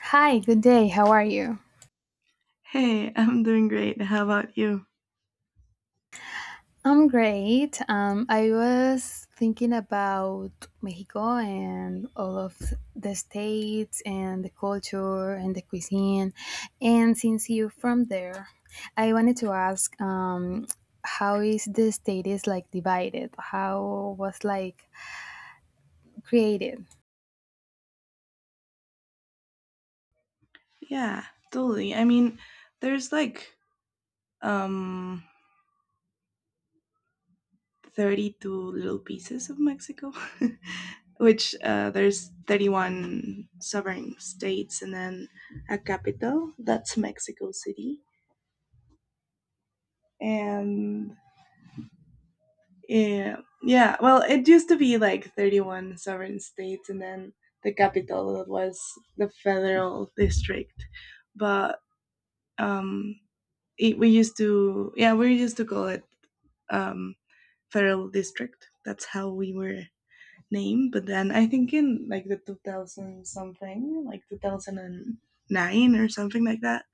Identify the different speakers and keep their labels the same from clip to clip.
Speaker 1: Hi, good day. How are you?
Speaker 2: Hey, I'm doing great. How about you?
Speaker 1: I'm great. I was thinking about Mexico and all of the states and the culture and the cuisine. And since you're from there, I wanted to ask how is the state is like divided? How was like created?
Speaker 2: Yeah, totally. There's like um 32 little pieces of Mexico, which there's 31 sovereign states and then a capital, that's Mexico City. And yeah, yeah, well, it used to be like 31 sovereign states and then the capital was the federal district. But um we used to call it um federal district. That's how we were named. But then I think in like the 2000, something like 2009 or something like that,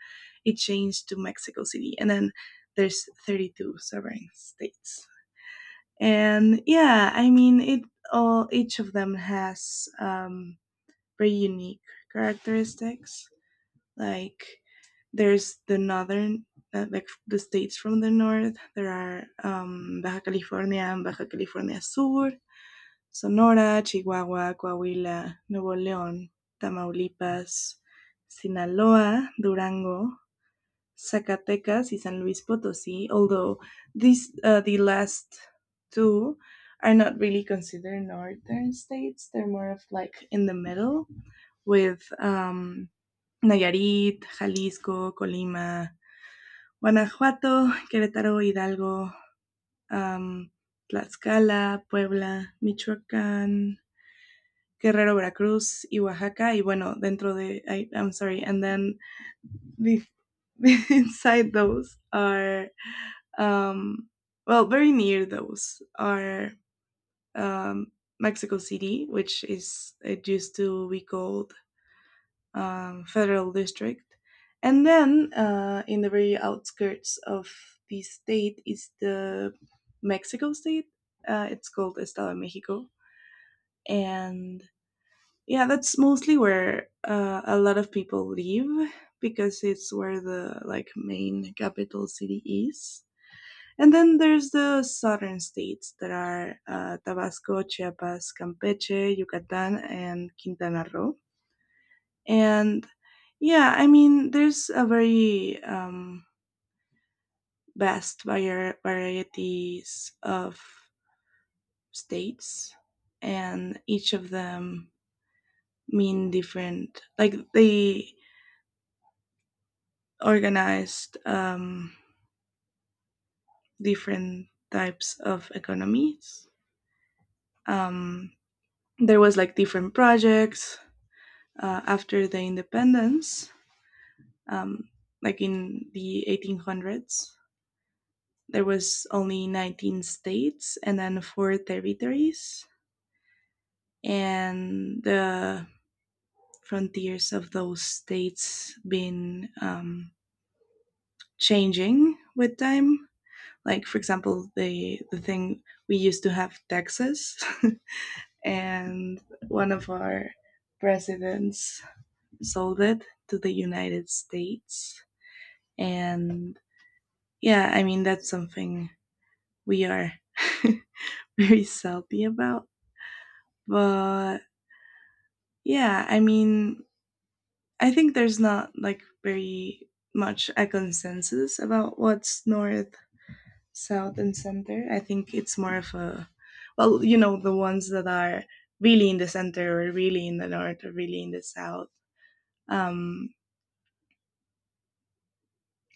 Speaker 2: it changed to Mexico City, and then there's 32 sovereign states. And yeah, I mean, it all each of them has very unique characteristics. Like there's the like the states from the north. There are Baja California and Baja California Sur, Sonora, Chihuahua, Coahuila, Nuevo León, Tamaulipas, Sinaloa, Durango, Zacatecas, y San Luis Potosí. Although the last two are not really considered northern states. They're more of like in the middle with Nayarit, Jalisco, Colima, Guanajuato, Querétaro, Hidalgo, am, Tlaxcala, Puebla, Michoacán, Guerrero, Veracruz y Oaxaca. Y bueno, dentro de, I'm sorry, and then bef- inside those are, um, well, very near those are um, Mexico City, which is it used to be called federal district. And then in the very outskirts of the state is the Mexico state. It's called Estado de Mexico. And yeah, that's mostly where a lot of people live, because it's where the like main capital city is. And then there's the southern states that are Tabasco, Chiapas, Campeche, Yucatan, and Quintana Roo. And yeah, I mean, there's a very varieties of states, and each of them mean different. Like they organized different types of economies. Um, there was like different projects after the independence, um, like in the 1800s there was only 19 states and then four territories, and the frontiers of those states been changing with time. Like for example, the thing we used to have Texas, and one of our presidents sold it to the United States. And yeah, I mean, that's something we are very salty about. But yeah, I mean, I think there's not like very much a consensus about what's north, south, and center. I think it's more of a, well, you know, the ones that are really in the center or really in the north or really in the south. Um,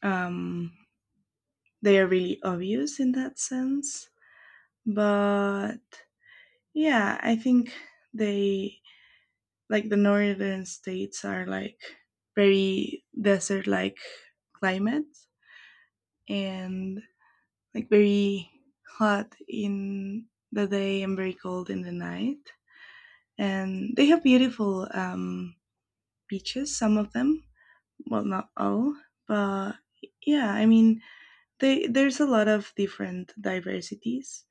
Speaker 2: um, they are really obvious in that sense. But yeah, I think they, like the northern states are like very desert like climate, and like very hot in the day and very cold in the night. And they have beautiful beaches, some of them. Well, not all, but yeah, I mean, there's a lot of different diversities.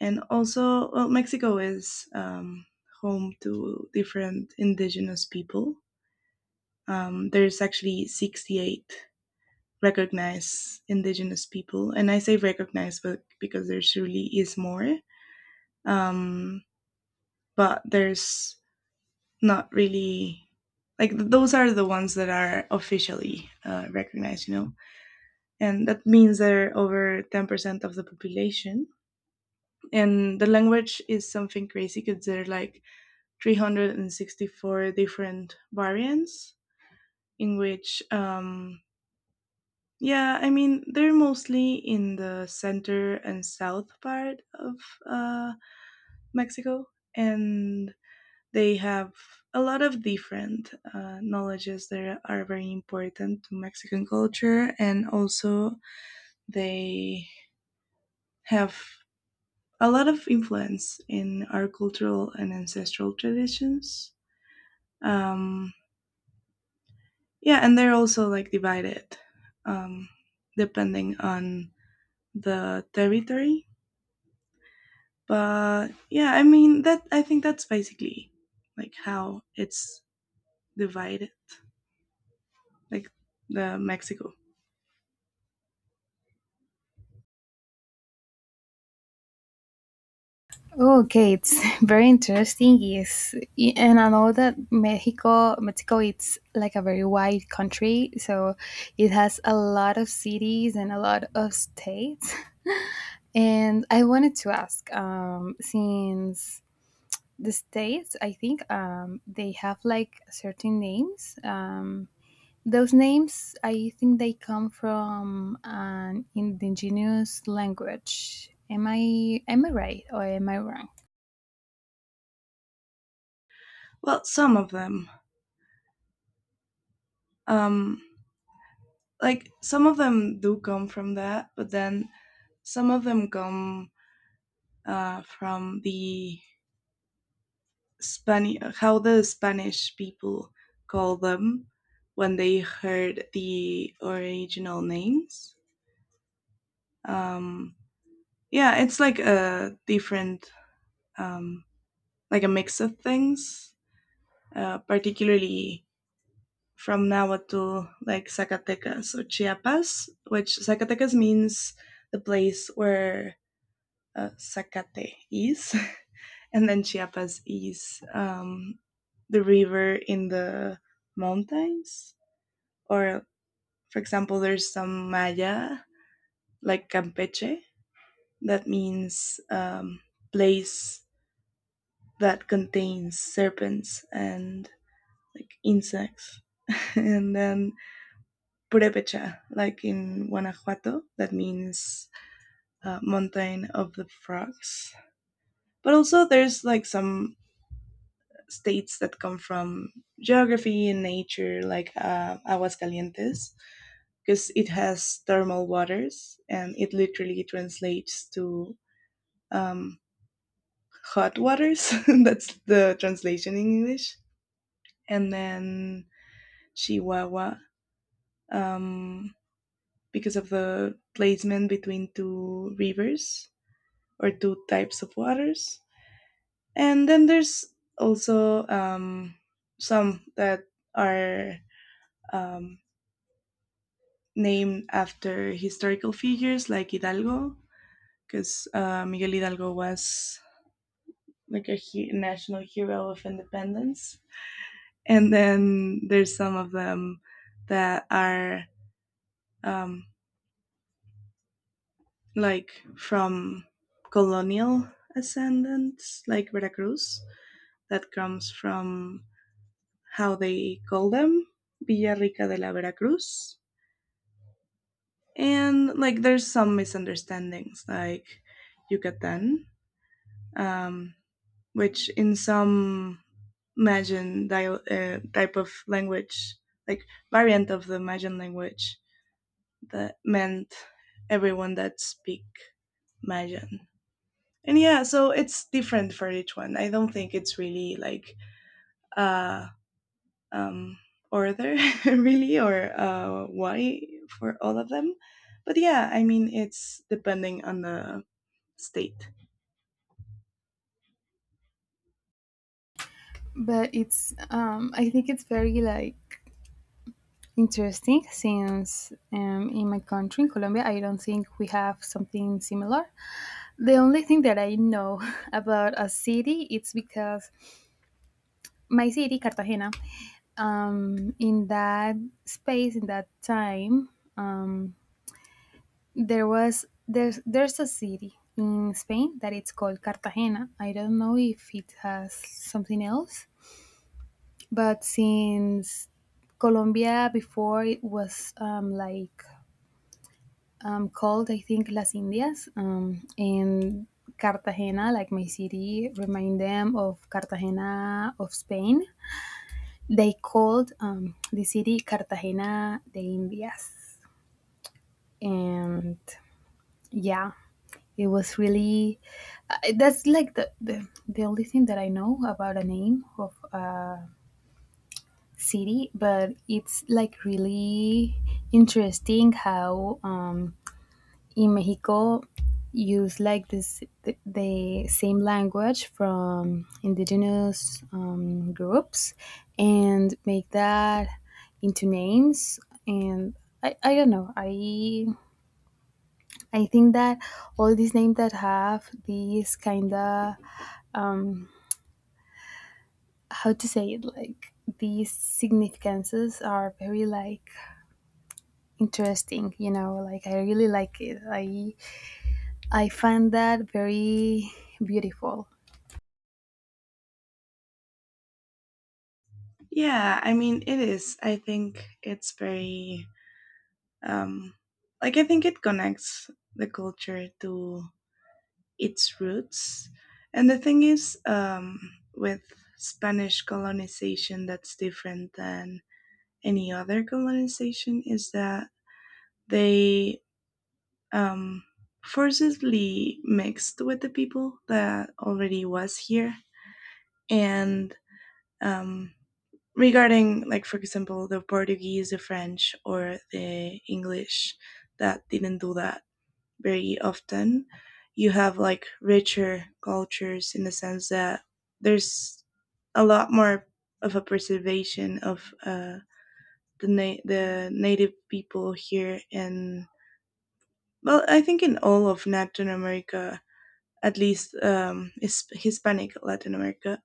Speaker 2: And also, well, Mexico is home to different indigenous people. There's actually 68 recognize indigenous people, and I say recognize but because there surely is more. um, but there's not really, like those are the ones that are officially recognized, you know, and that means they're over 10% of the population. And the language is something crazy, because there are like 364 different variants in which yeah, I mean, they're mostly in the center and south part of uh, Mexico, and they have a lot of different knowledges that are very important to Mexican culture, and also they have a lot of influence in our cultural and ancestral traditions. Um, yeah, and they're also like divided um, depending on the territory. But yeah, I mean, that I think that's basically like how it's divided, like the Mexico.
Speaker 1: Okay, it's very interesting. Yes, and I know that Mexico, it's like a very wide country, so it has a lot of cities and a lot of states. And I wanted to ask, since the states, I think, they have like certain names. Those names, I think, they come from an indigenous language. Am I right or am I wrong?
Speaker 2: Well, some of them, um, like some of them do come from that, but then some of them come from the Spanish, how the Spanish people call them when they heard the original names. Um, yeah, it's like a um, like a mix of things. Particularly from Nahuatl, to like Zacatecas or Chiapas, which Zacatecas means the place where Zacate is, and then Chiapas is the river in the mountains. Or, for example, there's some Maya, like Campeche, that means place that contains serpents and like insects. And then Purepecha, like in Guanajuato, that means mountain of the frogs. But also, there's like some states that come from geography and nature, like Aguascalientes, because it has thermal waters, and it literally translates to um, hot waters. That's the translation in English. And then Chihuahua, um, because of the placement between two rivers, or two types of waters. And then there's also some that are um, named after historical figures like Hidalgo, because Miguel Hidalgo was like a national hero of independence. And then there's some of them that are um, like from colonial ascendants, like Veracruz, that comes from how they call them, Villa Rica de la Veracruz. And like there's some misunderstandings, like Yucatan, um, which in some Mayan type of language, like variant of the Mayan language, that meant everyone that speak Mayan. And yeah, so it's different for each one. I don't think it's really like uh um, order really, or why for all of them. But yeah, I mean, it's depending on the state.
Speaker 1: But it's I think it's very like interesting since in my country in Colombia I don't think we have something similar. The only thing that I know about a city it's because my city Cartagena, in that space in that time, um, there was there's a city in Spain that it's called Cartagena. I don't know if it has something else. But since Colombia before it was like called, I think, Las Indias, and Cartagena, like my city, remind them of Cartagena of Spain. They called the city Cartagena de Indias, and yeah, it was really. That's like the only thing that I know about a name of city, but it's like really interesting how in Mexico use like this the same language from indigenous groups and make that into names. And I don't know. I think that all these names that have these kind of um, how to say it, like these significances are very like interesting. Like I really like it. I find that very beautiful.
Speaker 2: Yeah, I mean, it is. I think it's very Um, like I think it connects the culture to its roots. And the thing is, with Spanish colonization, that's different than any other colonization, is that they um, forcibly mixed with the people that already was here. And um, regarding, like, for example, the Portuguese, the French, or the English, that didn't do that very often. You have like richer cultures in the sense that there's a lot more of a preservation of the native people here, and well, I think in all of Latin America, at least is Hispanic Latin America,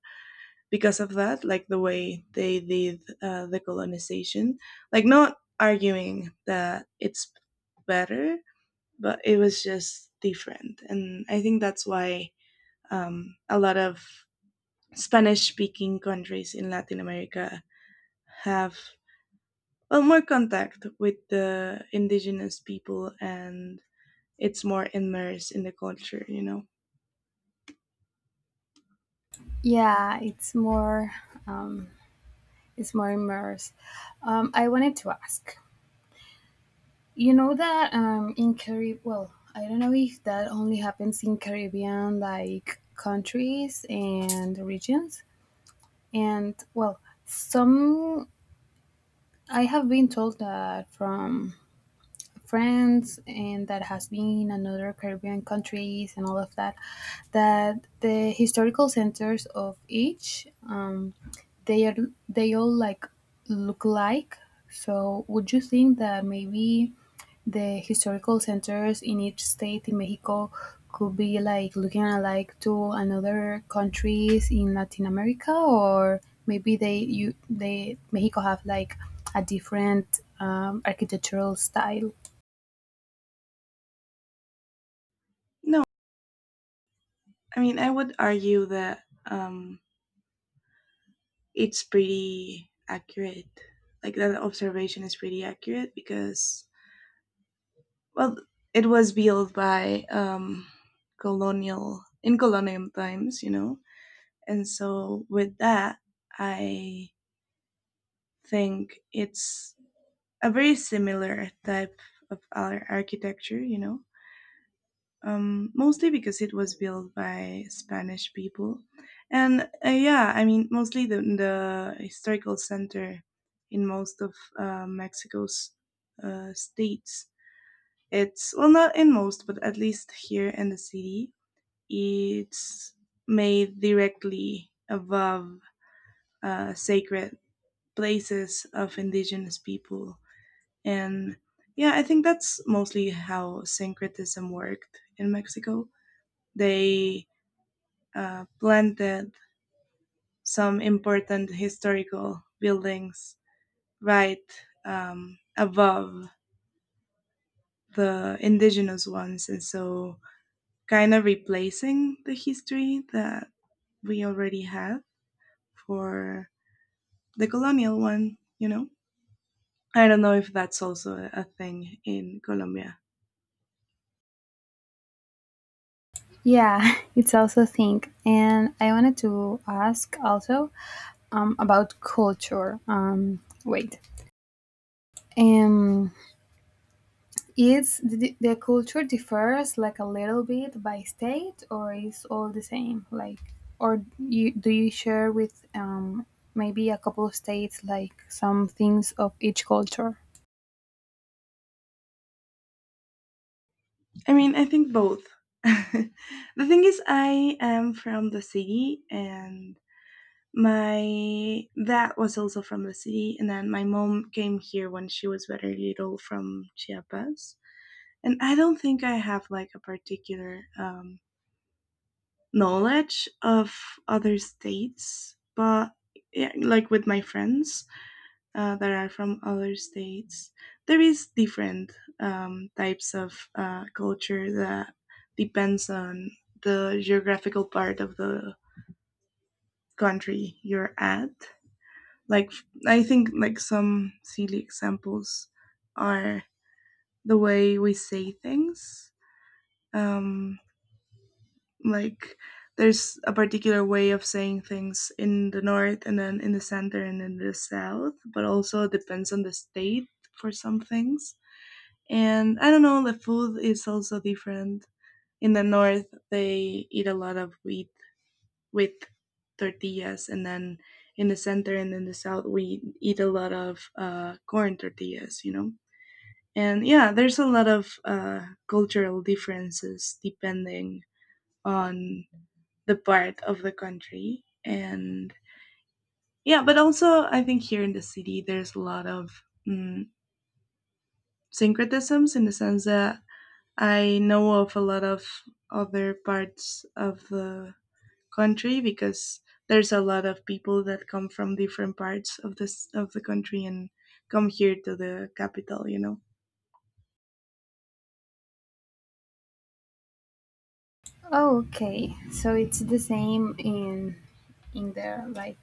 Speaker 2: because of that, like the way they did the colonization, like not arguing that it's better, but it was just different. And I think that's why a lot of Spanish speaking countries in Latin America have, well, more contact with the indigenous people, and it's more immersed in the culture, you know?
Speaker 1: Yeah, um it's more immersed. I wanted to ask, you know that in Caribbean, well, I don't know if that only happens in Caribbean like countries and regions, and well, some, I have been told that from France and that has been and other Caribbean countries and all of that, that the historical centers of each they are they all like look like. So would you think that maybe the historical centers in each state in Mexico could be like looking alike to another countries in Latin America, or maybe they you they Mexico have like a different architectural style?
Speaker 2: No, I mean, I would argue that. Um, it's pretty accurate. Like that observation is pretty accurate because, well, it was built by colonial in colonial times, you know, and so with that, I think it's a very similar type of architecture, you know, mostly because it was built by Spanish people. And yeah, I mean, mostly the historical center in most of Mexico's states. It's, well, not in most, but at least here in the city, it's made directly above sacred places of indigenous people. And yeah, I think that's mostly how syncretism worked in Mexico. They planted some important historical buildings right above the indigenous ones, and so kind of replacing the history that we already have for the colonial one, you know? I don't know if that's also a thing in Colombia.
Speaker 1: Yeah, it's also think, and I wanted to ask also about culture. Wait, um, is the culture differs like a little bit by state, or is all the same? Like, or you, do you share with maybe a couple of states like some things of each culture?
Speaker 2: I mean, I think both. The thing is, I am from the city, and my dad was also from the city, and then my mom came here when she was very little from Chiapas. And I don't think I have like a particular knowledge of other states, but yeah, like with my friends that are from other states, there is different types of culture that depends on the geographical part of the country you're at. Like I think like some silly examples are the way we say things um like there's a particular way of saying things in the north, and then in the center, and in the south, but also it depends on the state for some things. And I don't know, the food is also different. In the north they eat a lot of wheat with tortillas, and then in the center and in the south we eat a lot of corn tortillas, you know. And yeah, there's a lot of cultural differences depending on the part of the country. And yeah, but also I think here in the city there's a lot of mm, syncretisms, in the sense that I know of a lot of other parts of the country, because there's a lot of people that come from different parts of this of the country and come here to the capital, you know.
Speaker 1: Oh, okay. So it's the same in the like.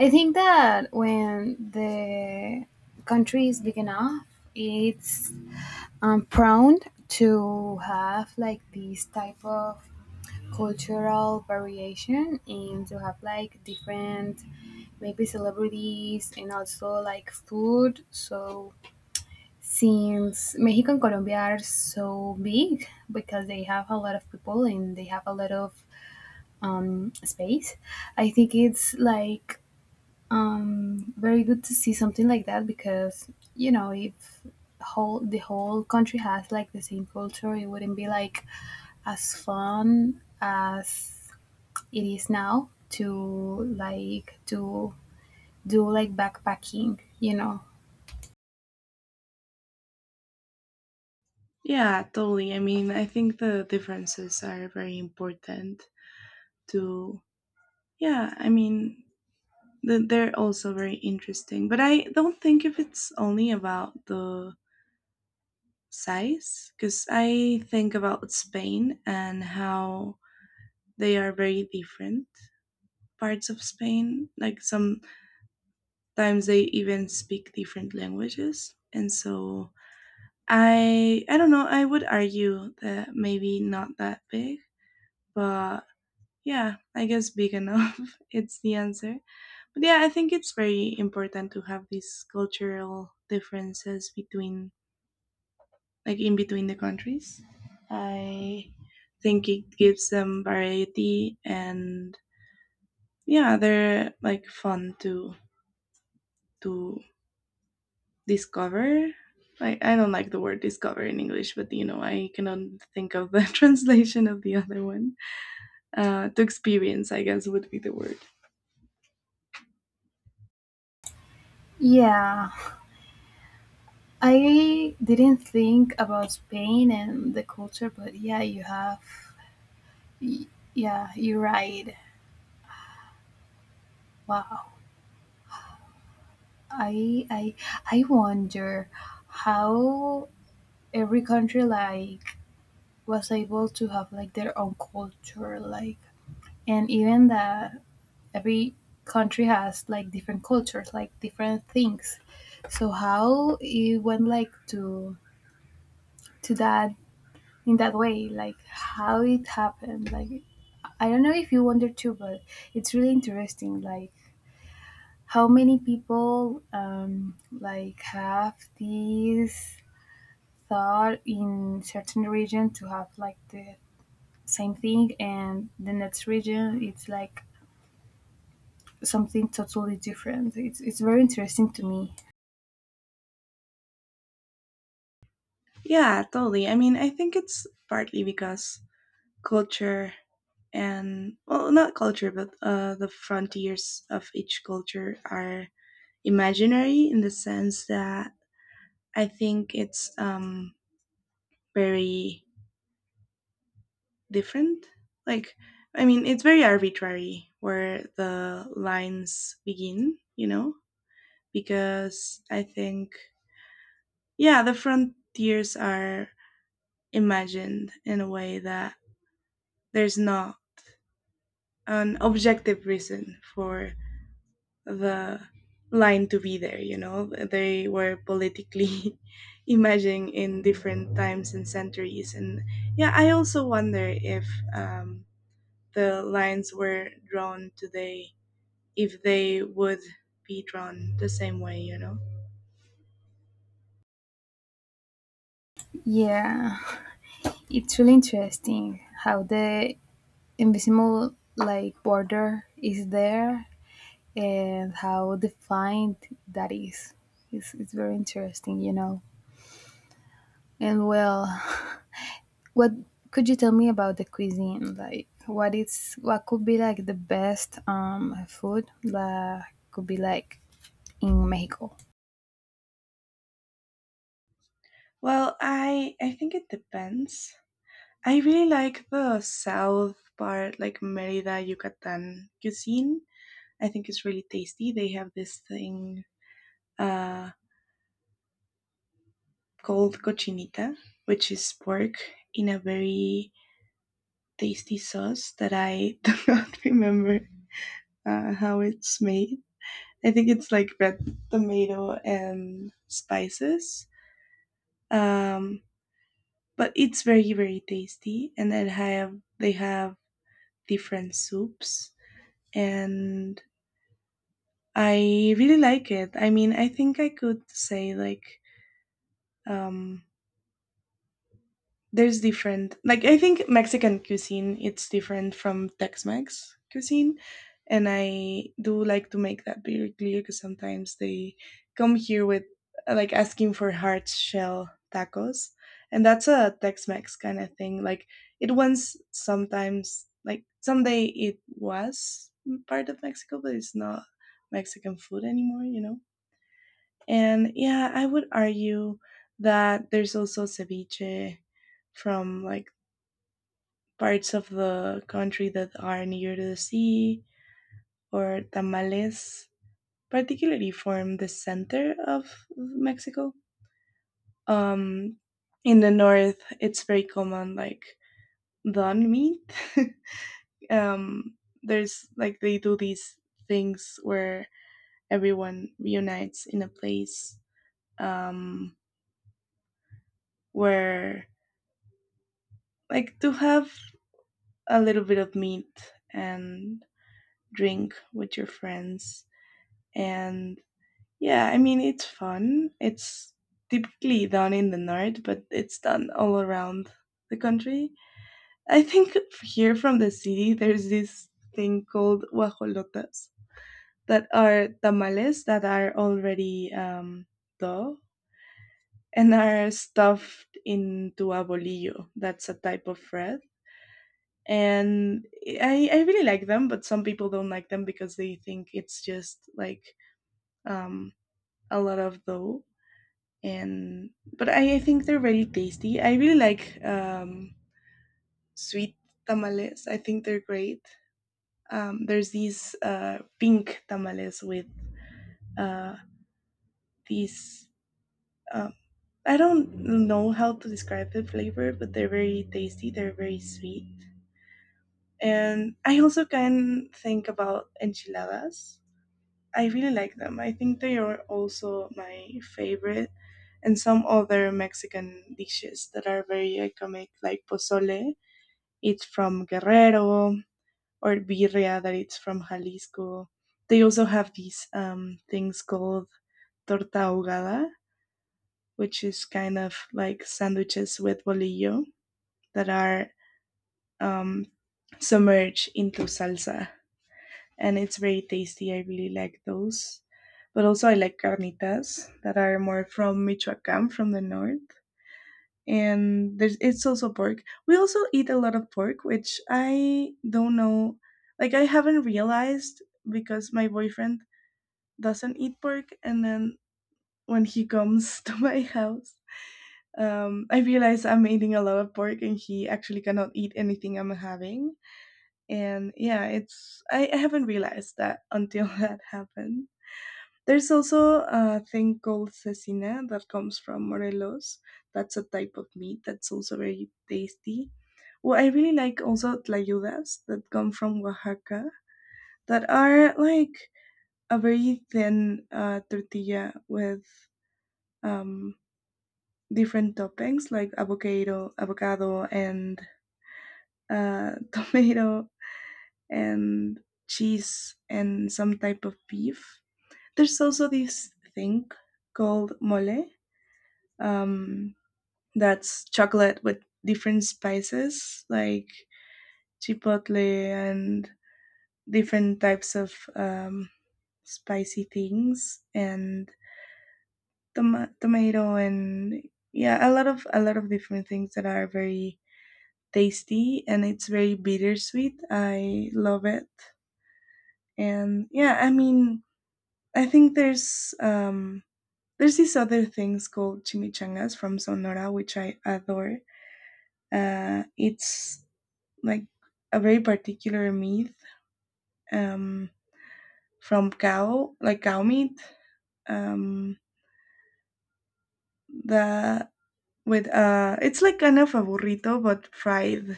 Speaker 1: I think that when the country is big enough, it's prone to have like this type of cultural variation and to have like different maybe celebrities and also like food. So since Mexico and Colombia are so big because they have a lot of people and they have a lot of space. I think it's like very good to see something like that, because you know if whole the whole country has like the same culture, it wouldn't be like as fun as it is now to like to do like backpacking. You know.
Speaker 2: Yeah, totally. I mean, I think the differences are very important to yeah, I mean, they're also very interesting. But I don't think if it's only about the size, because I think about Spain and how they are very different parts of Spain. Like sometimes they even speak different languages, and so I don't know. I would argue that maybe not that big, but yeah, I guess big enough. It's the answer. But yeah, I think it's very important to have these cultural differences between like in between the countries. I think it gives them variety and yeah, they're like fun to discover. Like I don't like the word discover in English, but I cannot think of the translation of the other one. To experience, I guess, would be the word.
Speaker 1: Yeah, I didn't think about Spain and the culture, but yeah, you have. y- Yeah, you're right. Wow. I I wonder how every country like was able to have like their own culture, like, and even that every country has like different cultures, like different things. So how it went like to that in that way, like how it happened, like, I don't know if you wonder too, but it's really interesting like how many people like have these thought in certain region to have like the same thing, and the next region it's like something totally different. It's very interesting to me.
Speaker 2: Yeah, totally. I mean, I think it's partly because culture and well not culture but the frontiers of each culture are imaginary in the sense that I think it's very different, like I mean it's very arbitrary where the lines begin, you know. Because I think yeah the frontiers are imagined in a way that there's not an objective reason for the line to be there, you know. They were politically emerging in different times and centuries, and yeah I also wonder if um, the lines were drawn today if they would be drawn the same way, you know.
Speaker 1: Yeah, it's really interesting how the invisible like border is there, and how defined that is. It's very interesting, you know. And well, what could you tell me about the cuisine? Like what is what could be like the best food that could be like in Mexico?
Speaker 2: Well I think it depends. I really like the south part, like Merida Yucatan cuisine. I think it's really tasty. They have this thing uh. called cochinita, which is pork in a very tasty sauce that I do not remember how it's made. I think it's like red tomato and spices. Um, but it's very very tasty, and then have they have different soups, and I really like it. I mean, I think I could say like um, there's different, like I think Mexican cuisine, it's different from Tex-Mex cuisine, and I do like to make that very clear because sometimes they come here with like asking for hard shell tacos, and that's a Tex-Mex kind of thing. Like it once sometimes like someday it was part of Mexico, but it's not Mexican food anymore, you know. And yeah, I would argue that there's also ceviche from like parts of the country that are near to the sea, or tamales, particularly form the center of Mexico. Um, in the north, it's very common, like don meat. um, there's like they do these things where everyone reunites in a place, um, where like to have a little bit of meat and drink with your friends, and yeah, I mean, it's fun. It's typically done in the north, but it's done all around the country. I think here from the city, there's this thing called guajolotas that are tamales that are already dough and are stuffed into a bolillo. That's a type of bread. And I really like them, but some people don't like them because they think it's just like um, a lot of dough and but I think they're very tasty. I really like sweet tamales. I think they're great. There's these pink tamales with uh, these. Uh, I don't know how to describe the flavor, but they're very tasty. They're very sweet, and I also can think about enchiladas. I really like them. I think they are also my favorite, and some other Mexican dishes that are very iconic, like pozole, it's from Guerrero, or birria that it's from Jalisco. They also have these things called torta ahogada, which is kind of like sandwiches with bolillo that are um, submerged into salsa. And it's very tasty. I really like those. But also, I like carnitas that are more from Michoacan, from the north. And there's it's also pork. We also eat a lot of pork, which I don't know. Like I haven't realized because my boyfriend doesn't eat pork, and then when he comes to my house, I realize I'm eating a lot of pork, and he actually cannot eat anything I'm having. And yeah, it's I haven't realized that until that happened. There's also a thing called cecina that comes from Morelos. That's a type of meat that's also very tasty. Well, I really like also tlayudas that come from Oaxaca that are like a very thin tortilla with um, different toppings like avocado, avocado and tomato and cheese and some type of beef. There's also this thing called mole, um, that's chocolate with different spices like chipotle and different types of spicy things and tomato and yeah a lot of different things that are very tasty and it's very bittersweet, I love it. And yeah, I mean, I think there's these other things called chimichangas from Sonora, which I adore. Uh, it's like a very particular meat, um, from cow, like cow meat. Um, the with it's like kind of a burrito but fried,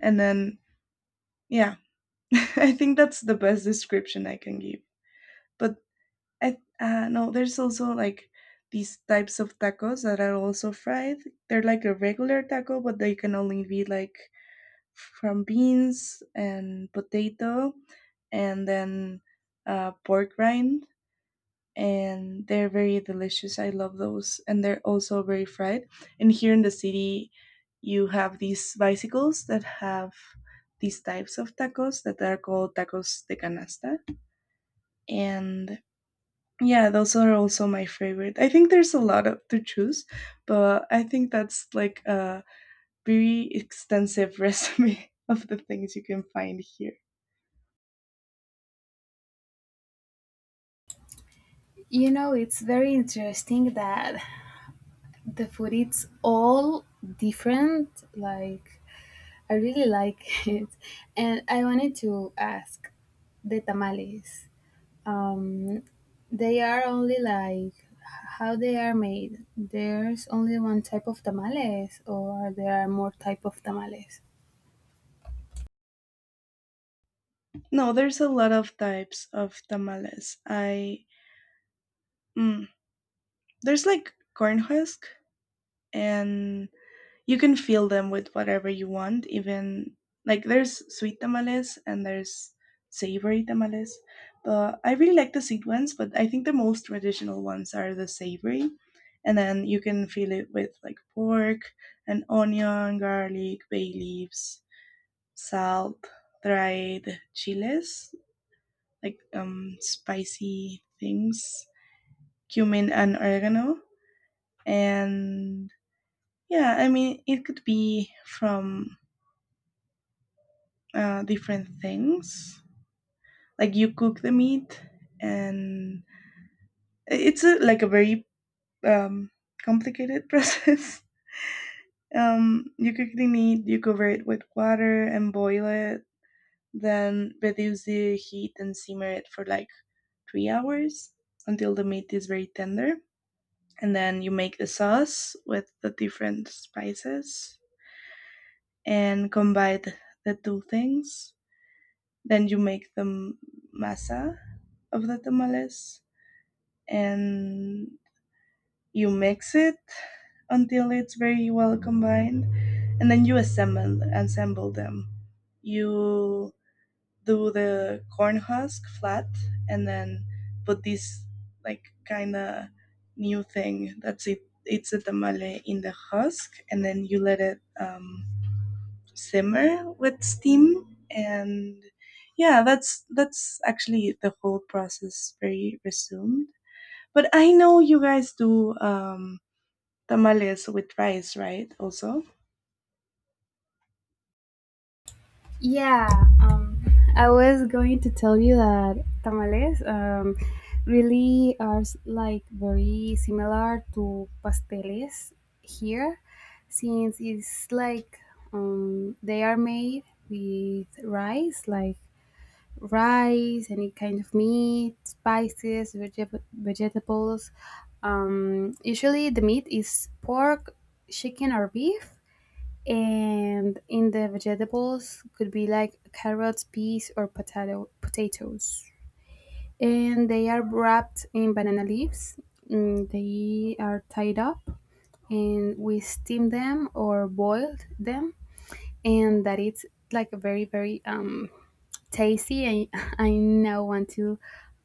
Speaker 2: and then yeah, I think that's the best description I can give. But I, no, there's also like these types of tacos that are also fried. They're like a regular taco, but they can only be like from beans and potato and then pork rind, and they're very delicious. I love those, and they're also very fried. And here in the city, you have these bicycles that have these types of tacos that are called tacos de canasta, and yeah, those are also my favorite. I think there's a lot of, to choose, but I think that's like a very extensive resume of the things you can find here.
Speaker 1: You know, it's very interesting that the food it's all different. Like I really like it, and I wanted to ask the tamales. Um, they are only like how they are made. There's only one type of tamales, or there are more type of tamales.
Speaker 2: No, there's a lot of types of tamales. I mm, there's like corn husk, and you can fill them with whatever you want. Even like there's sweet tamales and there's savory tamales. But I really like the sweet ones, but I think the most traditional ones are the savory. And then you can fill it with like pork and onion, garlic, bay leaves, salt, dried chiles, like spicy things, cumin and oregano, and yeah, I mean, it could be from different things. Like you cook the meat, and it's a, like a very um, complicated process. You cook the meat, you cover it with water and boil it, then reduce the heat and simmer it for like 3 hours until the meat is very tender. And then you make the sauce with the different spices and combine the two things. Then you make the masa of the tamales and you mix it until it's very well combined, and then you assemble them. You do the corn husk flat and then put this like kind of new thing that's it, it's a tamale in the husk, and then you let it simmer with steam, and yeah that's actually the whole process very resumed. But I know you guys do tamales with rice, right, also?
Speaker 1: Yeah, um, I was going to tell you that tamales really are like very similar to pasteles here, since it's like they are made with rice, like rice, any kind of meat, spices, vegetables. Usually, the meat is pork, chicken, or beef, and in the vegetables could be like carrots, peas, or potatoes. And they are wrapped in banana leaves. Mm, they are tied up, and we steam them or boiled them, and that it's like very tasty. I I now want to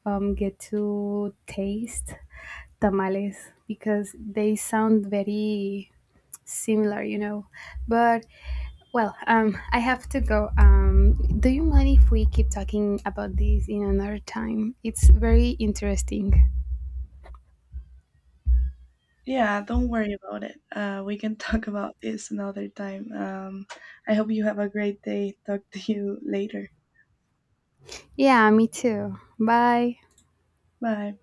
Speaker 1: get to taste tamales because they sound very similar, you know. But well, I have to go. Do you mind if we keep talking about this in another time? It's very interesting.
Speaker 2: Yeah, don't worry about it. Uh, we can talk about this another time. I hope you have a great day. Talk to you later.
Speaker 1: Yeah, me too. Bye.
Speaker 2: Bye.